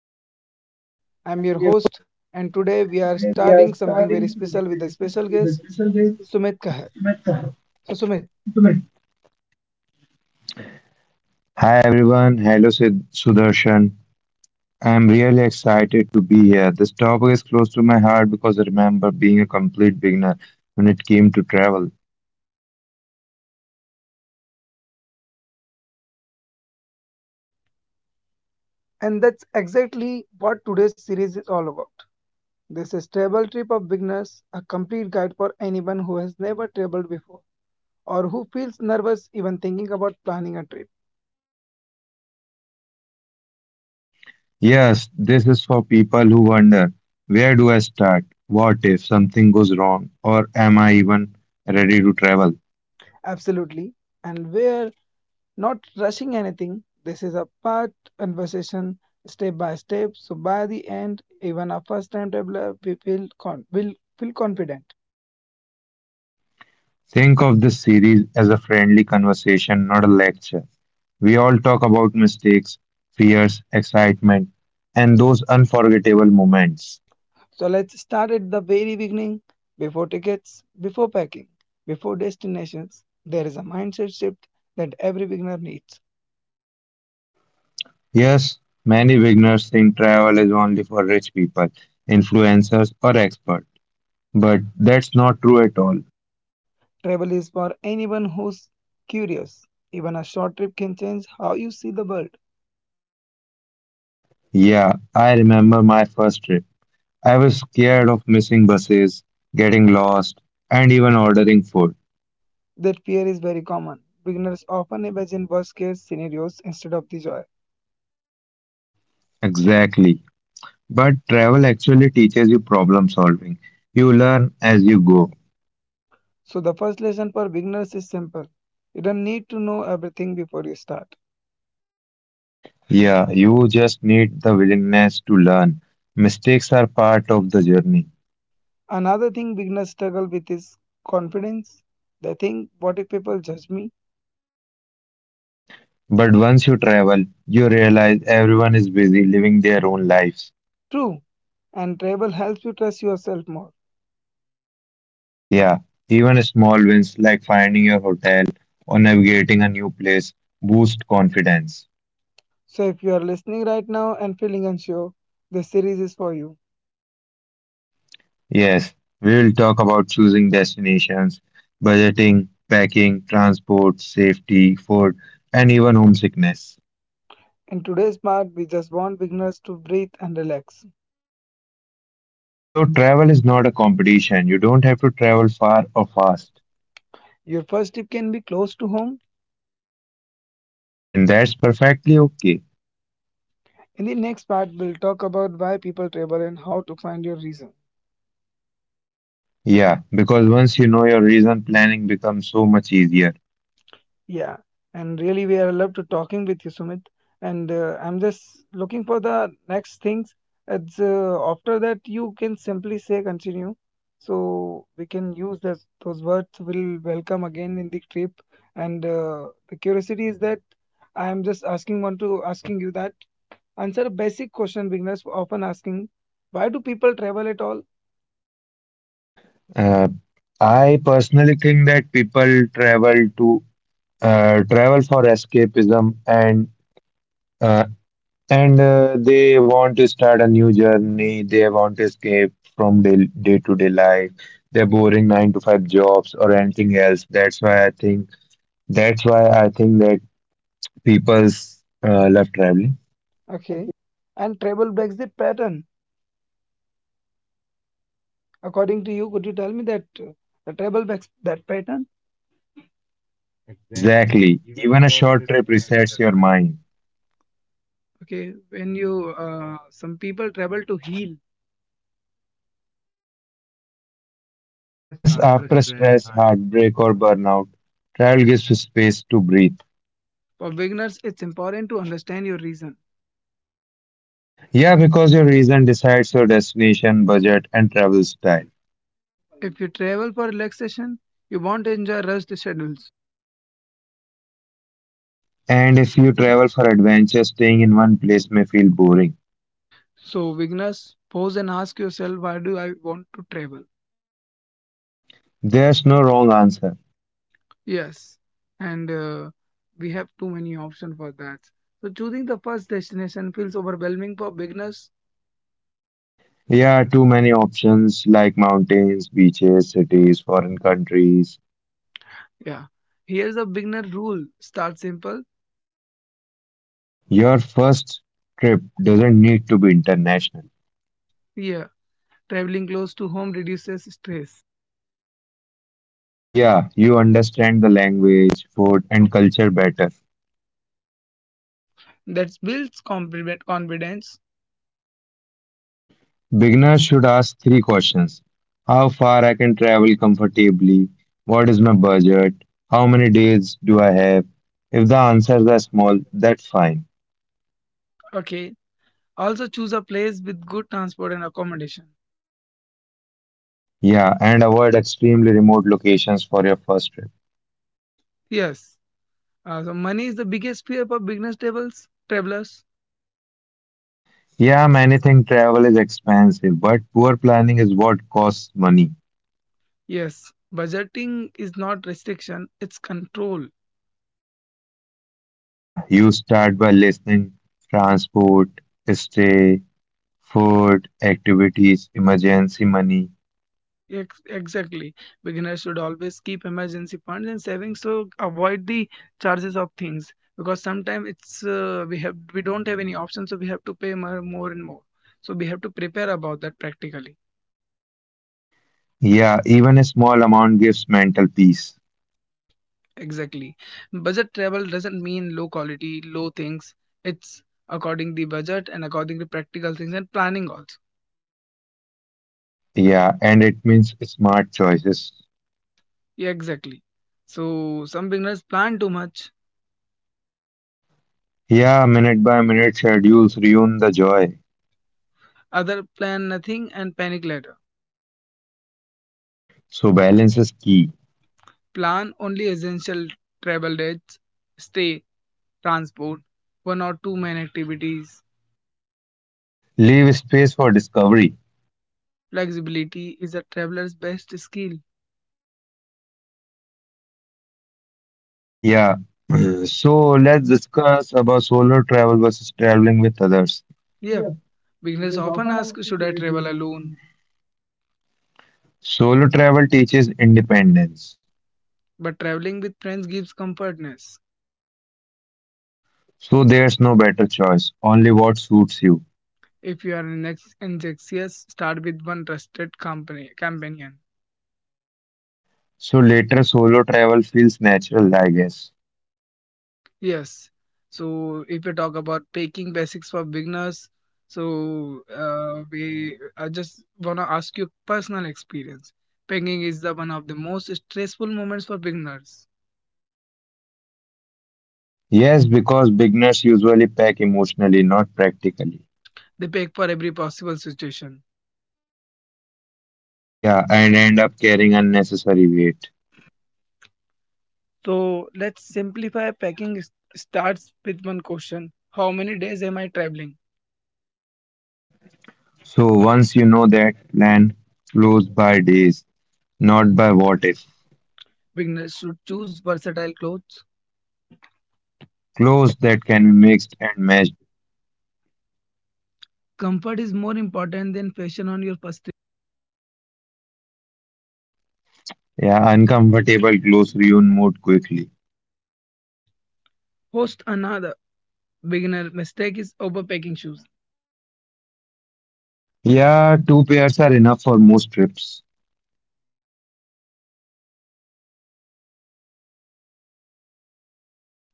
real journeys. I'm your host and today we are starting something very special with a special guest, Sumit Kahar. So Sumit, Hi everyone, hello Sudarshan. I'm really excited to be here. This topic is close to my heart because I remember being a complete beginner when it came to travel. and that's exactly what today's series is all about. This is Travel Trip of Beginners, a complete guide for anyone who has never traveled before or who feels nervous even thinking about planning a trip. Yes, this is for people who wonder where do I start? What if something goes wrong? Or am I even ready to travel? Absolutely. And where not rushing anything. This is a part conversation, step by step. So by the end, even a first time traveler we feel will feel confident. Think of this series as a friendly conversation, not a lecture. We all talk about mistakes, fears, excitement, and those unforgettable moments. So let's start at the very beginning. Before tickets, before packing, before destinations, there is a mindset shift that every beginner needs. Yes, many beginners think travel is only for rich people, influencers, or experts, but that's not true at all. Travel is for anyone who's curious. Even a short trip can change how you see the world. Yeah, I remember my first trip. I was scared of missing buses, getting lost, and even ordering food. That fear is very common. Beginners often imagine worst case scenarios instead of the joy. Exactly. But travel actually teaches you problem solving. You learn as you go. So, the first lesson for beginners is simple. You don't need to know everything before you start. Yeah, you just need the willingness to learn. Mistakes are part of the journey. Another thing beginners struggle with is confidence. They think, what if people judge me? But once you travel, you realize everyone is busy living their own lives. True. And Tribal helps you trust yourself more. Yeah, even small wins like finding your hotel or navigating a new place boost confidence. So, if you are listening right now and feeling unsure, this series is for you. Yes, we will talk about choosing destinations, budgeting, packing, transport, safety, food, and even homesickness. In today's part, we just want beginners to breathe and relax. So, travel is not a competition. You don't have to travel far or fast, Your first tip can be close to home. and that's perfectly okay. In the next part, we'll talk about why people travel and how to find your reason. Yeah, because once you know your reason, planning becomes so much easier. Yeah, and really, we are loved to talking with you, Sumit. And I'm just looking for the next things. It's after that you can simply say continue, so we can use that those words. Will welcome again in the trip. And the curiosity is that I am just asking one to asking you that answer a basic question beginners often asking: why do people travel at all? Uh, I personally think that people travel to travel for escapism uh, and they want to start a new journey. They want to escape from day day to day life, their boring nine to five jobs or anything else. That's why I think that people's love traveling. Okay, and travel breaks the pattern. According to you, could you tell me that? The travel breaks that pattern. Exactly. Even a short trip resets your mind. Okay, when you some people travel to heal, Yes, after stress, heartbreak, or burnout, travel gives you space to breathe. for beginners, it's important to understand your reason. Yeah, because your reason decides your destination, budget, and travel style. If you travel for relaxation, you won't enjoy rushed schedules. And if you travel for adventure, staying in one place may feel boring. So, beginners, pause and ask yourself, why do I want to travel? There's no wrong answer. Yes, and we have too many options for that. So, choosing the first destination feels overwhelming for beginners. Yeah, too many options like mountains, beaches, cities, foreign countries. Yeah, here's a beginner rule start simple. Your first trip doesn't need to be international. Yeah, traveling close to home reduces stress. Yeah, you understand the language, food, and culture better. That builds confidence. Beginners should ask three questions. How far I can travel comfortably? What is my budget? How many days do I have? If the answers are small, that's fine. Okay. Also choose a place with good transport and accommodation. Yeah, and avoid extremely remote locations for your first trip. Yes. So money is the biggest fear for beginners travels travelers. Yeah, many think travel is expensive, but poor planning is what costs money. Yes. Budgeting is not restriction, it's control. Yeah, you start by listing transport, stay, food, activities, emergency money. Exactly. Beginners should always keep emergency funds and savings to avoid the charges of things because sometimes it's we don't have any option so we have to pay more, more and more. So we have to prepare about that practically. Yeah, even a small amount gives mental peace. Exactly. Budget travel doesn't mean low quality, low things. It's according the budget and according to practical things and planning also. Yeah, and it means smart choices. Yeah, exactly. So some beginners plan too much, Yeah, minute by minute schedules ruin the joy. other plan nothing and panic later. So balance is key. Plan only essential travel dates, stay, transport, one or two main activities. Leave space for discovery. Flexibility is a traveler's best skill. Yeah. So let's discuss about solo travel versus traveling with others. Yeah, beginners often ask, should I travel alone? Solo travel teaches independence. But traveling with friends gives comfortness. So there's no better choice, only what suits you. If you are in anxious, start with one trusted company companion. So later solo travel feels natural, I guess. Yes. So if you talk about packing basics for beginners, so we I just wanna ask you personal experience. Packing is the one of the most stressful moments for beginners. Yes, because beginners usually pack emotionally, not practically. They pack for every possible situation. Yeah, and end up carrying unnecessary weight. So let's simplify starts with one question. How many days am I traveling? So once you know that, plan flows by days, not by what if. Beginners should choose versatile clothes. Clothes that can be mixed and matched. Comfort is more important than fashion on your first. Yeah, uncomfortable clothes ruin mood quickly. Host another beginner mistake is overpacking shoes. Yeah, two pairs are enough for most trips.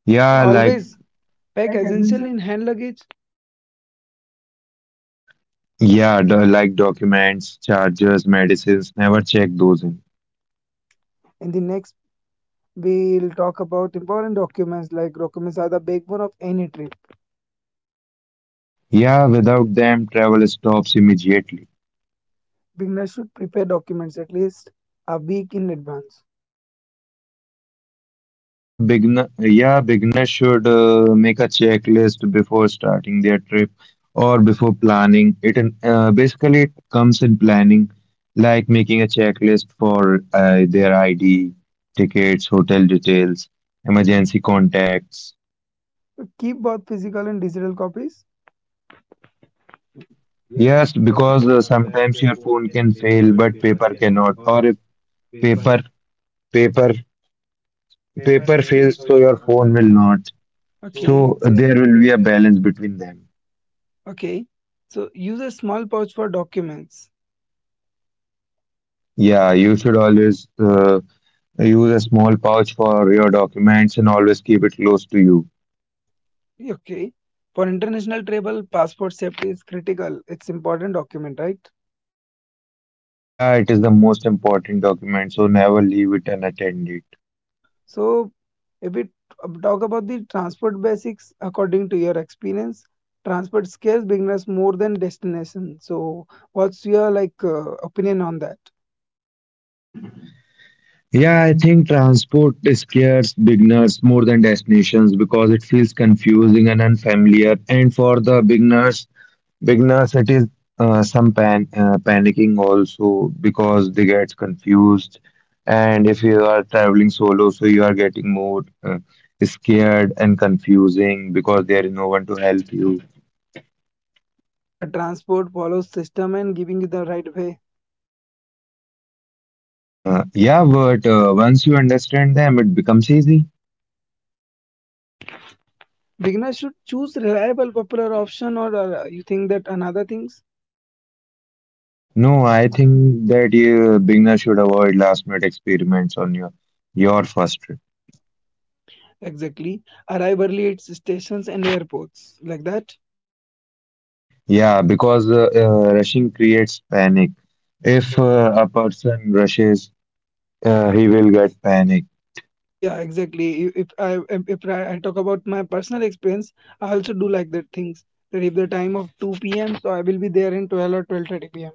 Yeah. Like yeah, Yeah, like always, pack essential in hand luggage. yeah, do, like documents, chargers, medicines. Never check those in. In the next, we'll talk about important documents. Like documents are the backbone of any trip. Yeah, without them, travel stops immediately. Beginners should prepare documents at least a week in advance. Yeah, beginners should make a checklist before starting their trip or before planning. Basically it comes in planning, like making a checklist for their ID, tickets, hotel details, emergency contacts. So keep both physical and digital copies. Yes, because sometimes your phone can fail, but paper cannot. Or if paper, paper, Paper paper fails, yeah, fails, so so your your phone will phone will not. not. Okay. So So there there will will be a be a balance. balance between them. Between, okay. So use a small pouch for documents. Yeah, you should always use a small pouch for your documents and always keep it close to you. Okay. For international travel, passport safety is critical. It's important document, right? Yeah, it is the most important document, so never leave it unattended. So, if we talk about the transport basics, according to your experience, transport scares beginners more than destination. So, what's your like opinion on that? Yeah, I think transport scares beginners more than destinations because it feels confusing and unfamiliar. And for the beginners, Beginners, it is some pan panicking also because they get confused. And if you are traveling solo, so you are getting more scared and confusing because there is no one to help you. But transport follows system and giving you the right way. Yeah, but once you understand them, it becomes easy. Beginners should choose reliable, popular option, or you think that another things No, I think that you beginner should avoid last minute experiments on your first trip. exactly arrive early at stations and airports like that. Yeah, because rushing creates panic. If a person rushes he will get panic. Yeah, exactly. I if I I talk about my personal experience, I also do like that things. That if the time of 2 p.m., so I will be there in 12 or 12:30 p.m.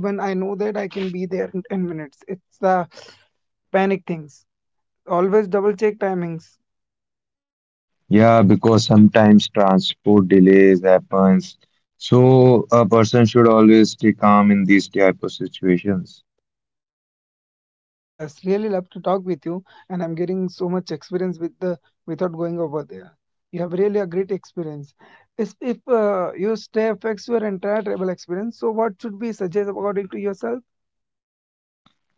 Even I know that I can be there in 10 minutes. It's the panic things. Always double check timings. Yeah, because sometimes transport delays happens. So a person should always stay calm in these type of situations. Yes, really love to talk with you, and I'm getting so much experience with the without going over there. You have really a great experience. If your stay affects your entire travel experience, so what should we suggest according to yourself?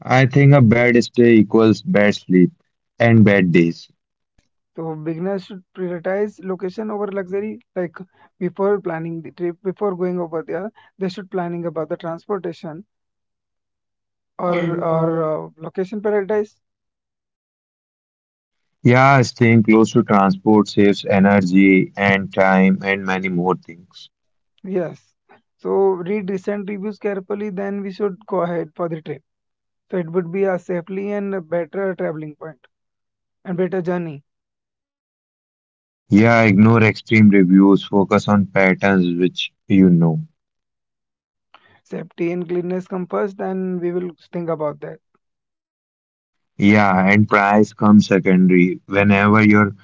I think a bad stay equals bad sleep and bad days. So beginners should prioritize location over luxury. Like before planning the trip, before going over there, they should planning about the transportation or or location paradise. Yeah, staying close to transport saves energy and time and many more things. Yes. So read recent reviews carefully. Then we should go ahead for the trip. So it would be a safely and a better traveling point and better journey. Yeah, ignore extreme reviews, focus on patterns which you know. Safety and cleanliness come first, then we will think about that. Yeah, and price comes secondary. Whenever your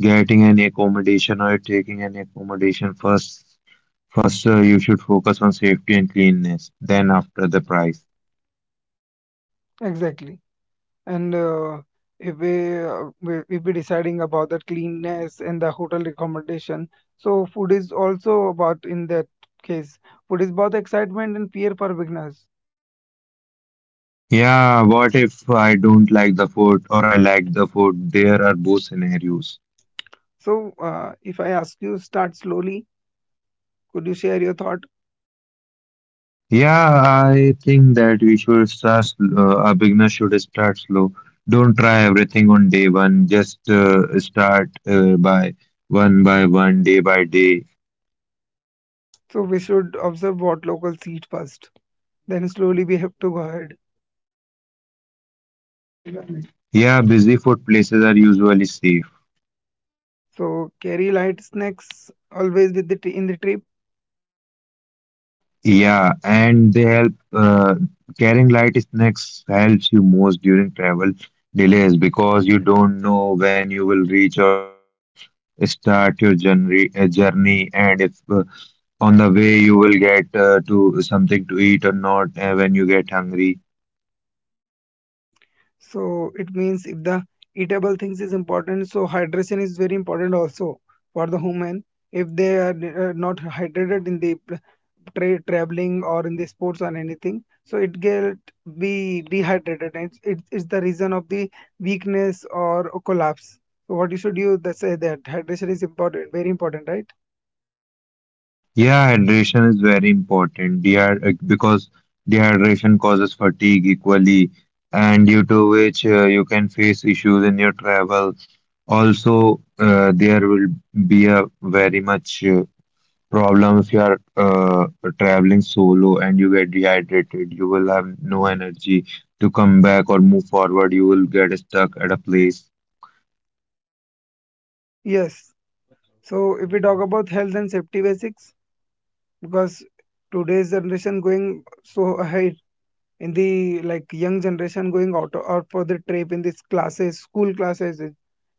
Getting an accommodation or taking an accommodation first. First, you should focus on safety and cleanliness. Then, after the price. Exactly. And if we be deciding about the cleanness and the hotel accommodation, so food is also about in that case. Food is both excitement and fear for beginners. Yeah, what if I don't like the food or I like the food? There are both scenarios. So if I ask you, start slowly. Could you share your thought? Yeah, I think that we should start. Sl- a beginner should start slow. Don't try everything on day one. Just start by one, day by day. So we should observe what locals eat first. Then slowly we have to go ahead. Yeah, busy food places are usually safe. So carry light snacks always with the t in the trip. Yeah, and they help carrying light snacks helps you most during travel delays because you don't know when you will reach or when you will start your journey, and if on the way you will get to something to eat or not when you get hungry. So it means if the eatable things is important, so hydration is very important also for the human. If they are not hydrated in the traveling or in the sports or anything, so it get be dehydrated and it's the reason of the weakness or collapse. So what you should you that say that hydration is important, very important, right? Yeah, hydration is very important. Dehyd because dehydration causes fatigue equally, and due to which you can face issues in your travel. Also, there will be a very much problem if you are traveling solo and you get dehydrated. You will have no energy to come back or move forward. You will get stuck at a place. Yes. So if we talk about health and safety basics, because today's generation going so ahead in the like young generation going out for the trip in these classes school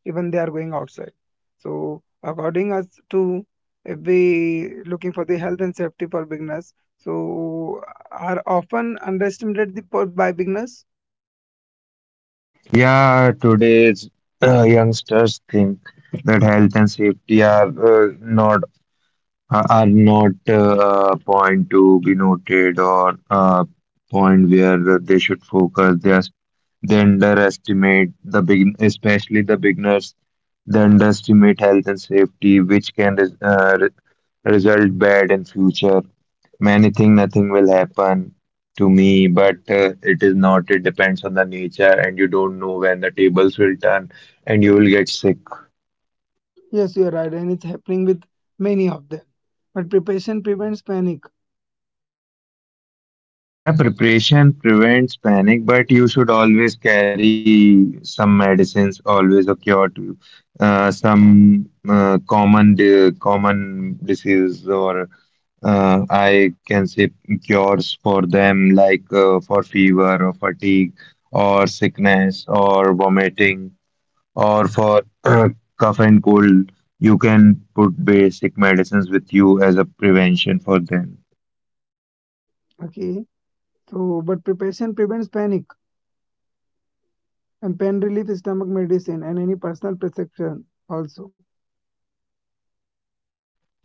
even they are going outside so according us to if we looking for the health and safety for beginners so are often underestimated by beginners. Yeah, today's youngsters think that health and safety are not are not a point to be noted or a point where they should focus. They underestimate especially the beginners. They underestimate health and safety, which can result bad in future. Many think nothing will happen to me, but it is not. It depends on the nature, and you don't know when the tables will turn, and you will get sick. Yes, you are right and it's happening with many of them but preparation prevents panic. Yeah, preparation prevents panic, but you should always carry some medicines, always a cure to some common disease or I can say cures for them, like for fever or fatigue or sickness or vomiting or for cough and cold. You can put basic medicines with you as a prevention for them. Okay, so but preparation prevents panic and pain relief is stomach medicine and any personal prescription also.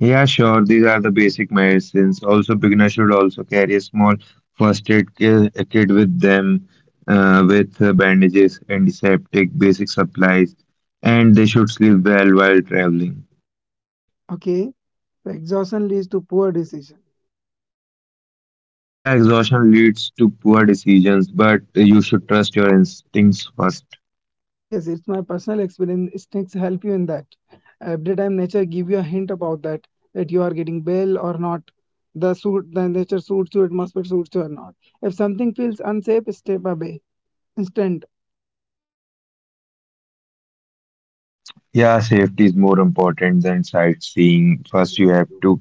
Yeah, sure. These are the basic medicines. Also, beginner should also carry a small first aid a kit with them, with bandages, antiseptic, basic supplies, and they should sleep well while traveling. Okay. The exhaustion leads to poor decision. Yeah, exhaustion leads to poor decisions, but you should trust your instincts first. Yes, it's my personal experience. Instincts help you in that. Every time nature give you a hint about that, that you are getting well or not, the nature suits you, it must be suits you or not. If something feels unsafe, step away instantly. Yeah, safety is more important than sightseeing. First, you have to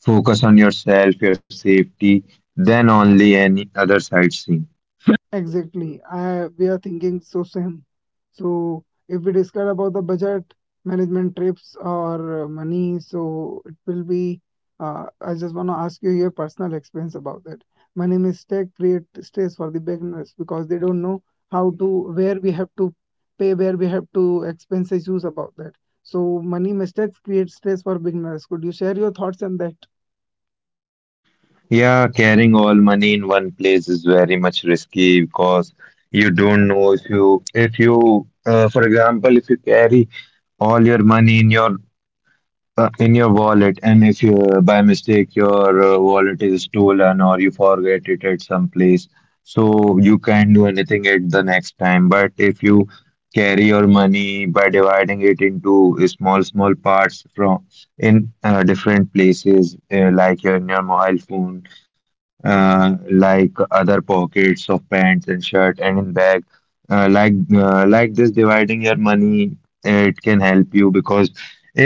focus on yourself, your safety, then only any other sightseeing. Exactly. I we are thinking so same. So if we discuss about the budget management trips or money, so it will be. I just want to ask you your personal experience about that. Money mistake create stress for the beginners because they don't know how to where we have to pay, where we have to expense issues about that. So money mistakes create stress for beginners. Could you share your thoughts on that? Yeah, carrying all money in one place is very much risky because you don't know if for example, if you carry all your money in your wallet, and if you by mistake your wallet is stolen or you forget it at some place, so you can't do anything at the next time. But if you carry your money by dividing it into small small parts from in different places, like in your mobile phone, like other pockets of pants and shirt and in bag, like this dividing your money, it can help you because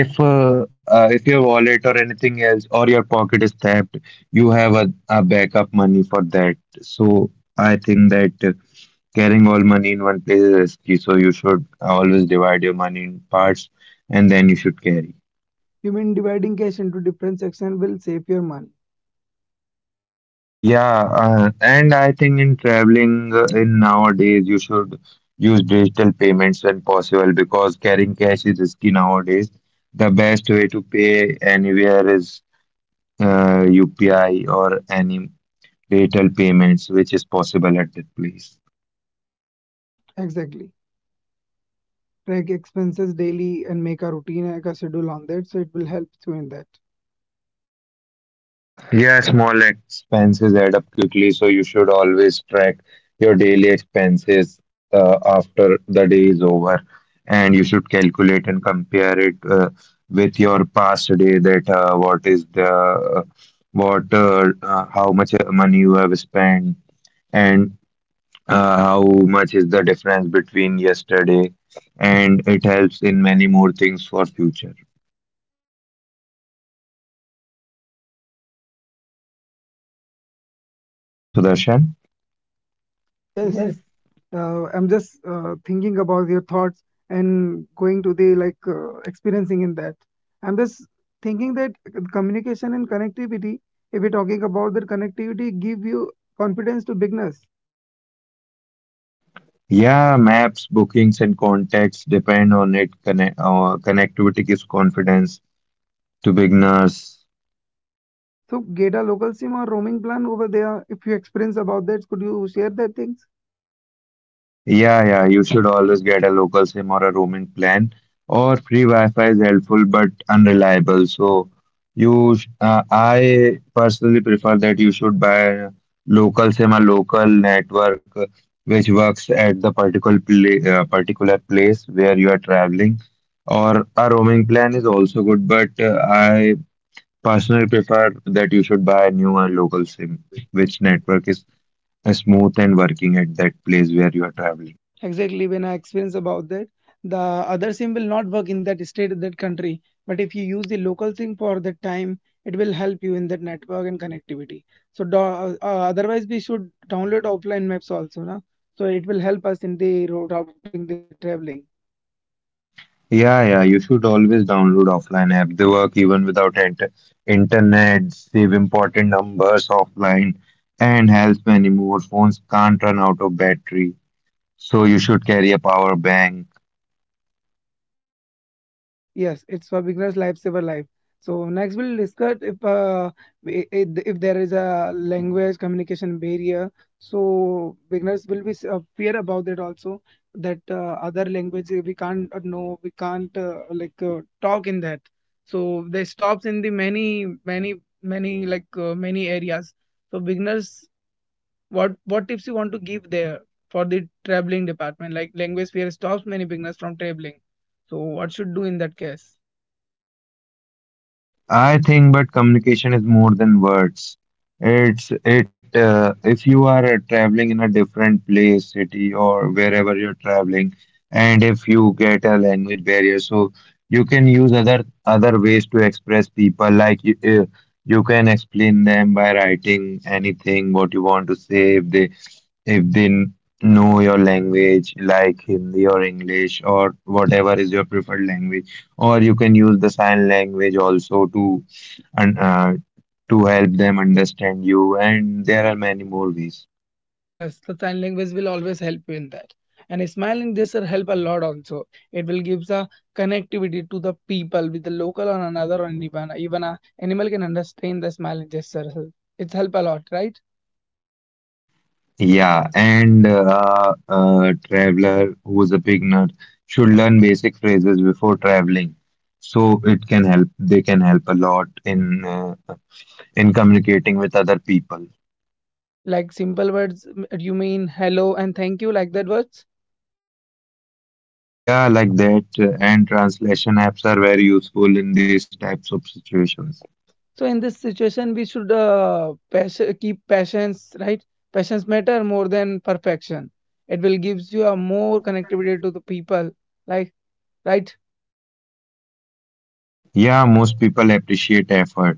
if your wallet or anything else or your pocket is tapped, you have a backup money for that. So I think that carrying all money in one place is risky. So you should always divide your money in parts and then you should carry. You mean dividing cash into different sections will save your money? Yeah, and I think in traveling in nowadays you should use digital payments when possible because carrying cash is risky nowadays. The best way to pay anywhere is UPI or any digital payments, which is possible at that place. Exactly. Track expenses daily and make a routine like a schedule on that so it will help you in that. Yeah, small expenses add up quickly, so you should always track your daily expenses after the day is over, and you should calculate and compare it with your past day that what is the what how much money you have spent and how much is the difference between yesterday, and it helps in many more things for future. Hello Sudarshan. Yes, I'm just thinking about your thoughts and going to the like experiencing in that I'm just thinking that communication and connectivity if we're talking about that connectivity give you confidence to beginners Yeah, maps, bookings, and contacts depend on it. Connectivity gives confidence to beginners. so get a local sim or roaming plan over there if you experience about that could you share that things Yeah, you should always get a local SIM or a roaming plan. Or free Wi-Fi is helpful but unreliable. So I personally prefer that you should buy a local SIM, a local network, which works at the particular place where you are traveling, or a roaming plan is also good, but I personally prefer that you should buy a new and local SIM, which network is smooth and working at that place where you are traveling. exactly when I experience about that the other sim will not work in that state that country but if you use the local sim for that time it will help you in that network and connectivity so do, otherwise we should download offline maps also na? So it will help us in the road routing the traveling. Yeah, yeah, you should always download offline app. They work even without internet, save important numbers offline, and help many more. Phones can't run out of battery, so you should carry a power bank. Yes, it's for beginners lifesaver life. So next we'll discuss if if there is a language communication barrier. So beginners will be fear about that also that other language we can't talk in that. So they stops in the many many many areas. So beginners, what tips you want to give there for the traveling department? Like language fear stops many beginners from traveling. So what should do in that case? I think, but communication is more than words. It's it. If you are traveling in a different place, city, or wherever you're traveling, and if you get a language barrier, so you can use other ways to express people. Like you can explain them by writing anything what you want to say if they if they know your language, like Hindi or English or whatever is your preferred language, or you can use the sign language also to and to help them understand you, and there are many more ways. Yes, the sign language will always help you in that. And smiling gesture help a lot also. It will give a connectivity to the people with the local or another or even a animal can understand the smiling gesture. It's help a lot, right? Yeah, and a traveler who is a beginner should learn basic phrases before traveling, so it can help, they can help a lot in communicating with other people. Like simple words, you mean hello and thank you like that words. Yeah, like that, and translation apps are very useful in these types of situations. So in this situation, we should keep patience, right? Patience matter more than perfection. It will gives you a more connectivity to the people, like, right? Yeah, most people appreciate effort.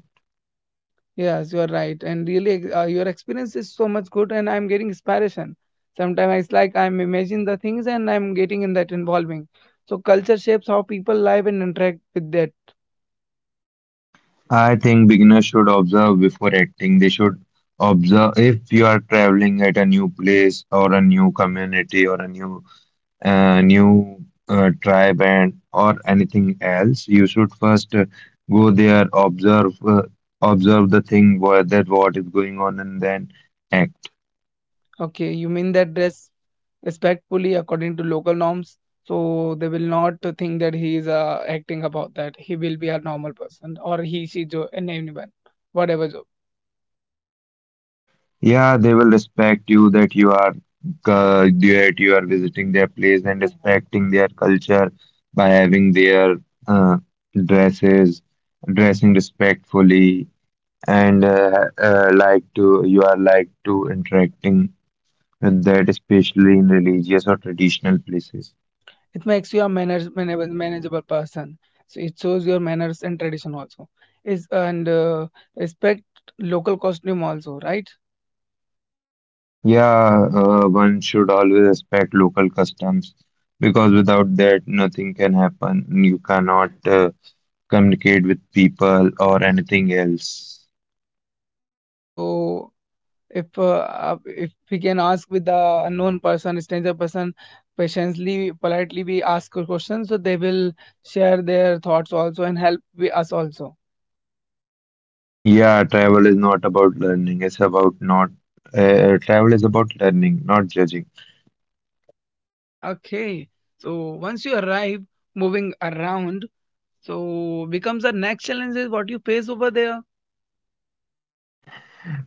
Yes, you are right. And really, your experience is so much good, and I'm getting inspiration. Sometimes it's like I'm imagining the things, and I'm getting in that involving. So culture shapes how people live and interact with that. I think beginners should observe before acting. They should observe. If you are traveling at a new place or a new community or a new tribe and or anything else, you should first, go there, observe, observe the thing where that what is going on, and then act. Okay, you mean that dress respectfully according to local norms, so they will not think that he is acting about that he will be a normal person or and anyone whatever job. Yeah, they will respect you that you are visiting their place and respecting their culture by having their, uh, dresses, dressing respectfully, and like to you are like to interacting with that, especially in religious or traditional places. It makes you a manageable person, so it shows your manners and tradition also is, and respect local costume also, right? Yeah, one should always respect local customs, because without that, nothing can happen. You cannot. Communicate with people, or anything else. So if we can ask with the unknown person stranger person patiently politely, we ask a question, so they will share their thoughts also and help we, us also. Yeah, travel is not about learning. It's about not. Travel is about learning, not judging. Okay, so once you arrive, moving around so becomes the next challenge is what you face over there.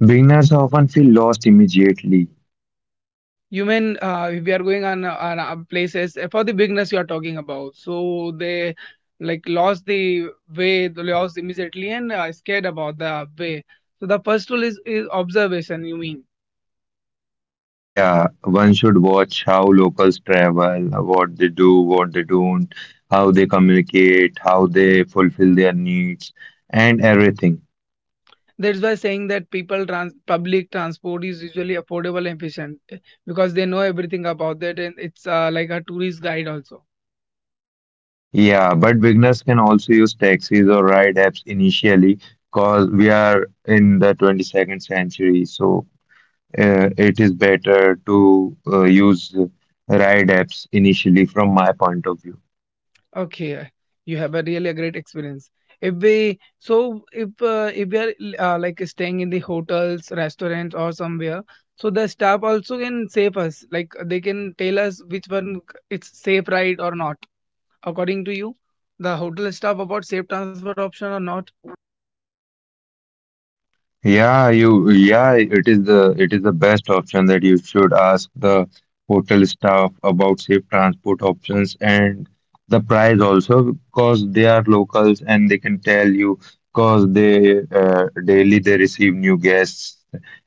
Beginners often feel lost immediately. You mean if we are going on, places for the beginners you are talking about, so they like lost the way, they lost immediately and scared about the way. So the first rule is observation, you mean? Yeah, one should watch how locals travel, what they do, what they don't, how they communicate, how they fulfill their needs, and everything. That's why saying that people trans public transport is usually affordable and efficient, eh, because they know everything about that, and it's like a tourist guide also. Yeah, but beginners can also use taxis or ride apps initially because we are in the 22nd century. So it is better to use ride apps initially from my point of view. Okay, you have a really a great experience. If we are like staying in the hotels, restaurants, or somewhere, so the staff also can save us. Like they can tell us which one it's safe ride or not. According to you, the hotel staff about safe transfer option or not. Yeah, it is the best option that you should ask the hotel staff about safe transport options and the price also, because they are locals and they can tell you, because they, daily they receive new guests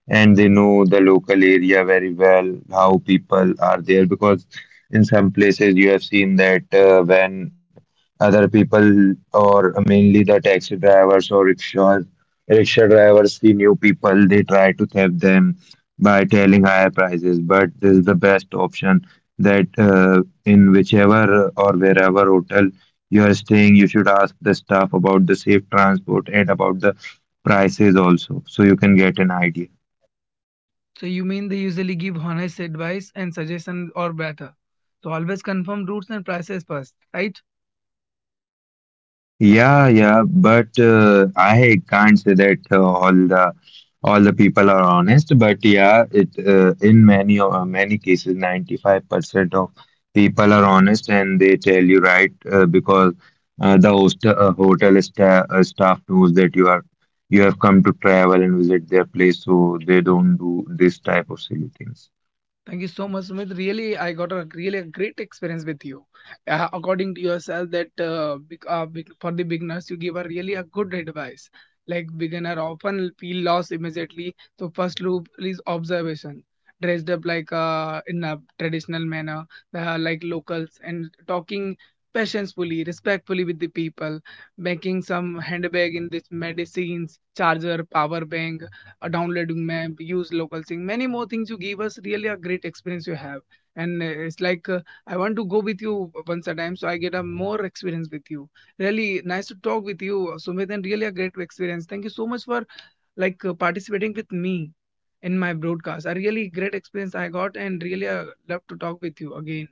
and they know the local area very well, how people are there, because in some places you have seen that, when other people or mainly the taxi drivers or rickshaws, rickshaw drivers see new people, they try to help them by telling higher prices, but this is the best option that, in whichever or wherever hotel you are staying, you should ask the staff about the safe transport and about the prices also, so you can get an idea. So you mean they usually give honest advice and suggestions or better. So always confirm routes and prices first, right? Yeah, yeah, but I can't say that all the people are honest. But yeah, it, in many cases, 95% of people are honest and they tell you right, because the hotel staff knows that you are, you have come to travel and visit their place, so they don't do this type of silly things. Thank you so much, Sumit. Really, I got a really a great experience with you. According to yourself, that for the beginners, you give a really a good advice. Like beginner often feel lost immediately. So first loop is observation. Dressed up like in a traditional manner, like locals, and talking patiently, respectfully with the people, making some handbag in this medicines, charger, power bank, downloading map, use local thing, many more things you give us. Really, a great experience you have, and it's like I want to go with you once a time, so I get a more experience with you. Really nice to talk with you, Sumit, and really a great experience. Thank you so much for participating with me in my broadcast. A really great experience I got, and really love to talk with you again.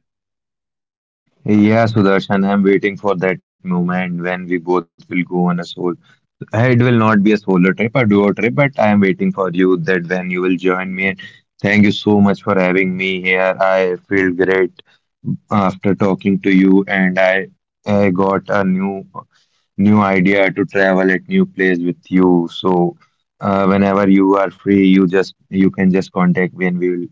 Yeah, Sudarshan, I'm waiting for that moment when we both will go on a solo. It will not be a solo trip, a duo trip, but I am waiting for you that when you will join me. Thank you so much for having me here. I feel great after talking to you, and I got a new idea to travel at new place with you. So whenever you are free, you just you can just contact me, and we will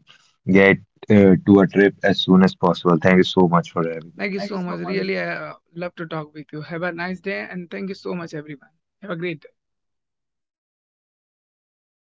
get to a trip as soon as possible. Thank you so much for having. Thank you so much. Really, I love to talk with you. Have a nice day, and thank you so much, everyone. Have a great day.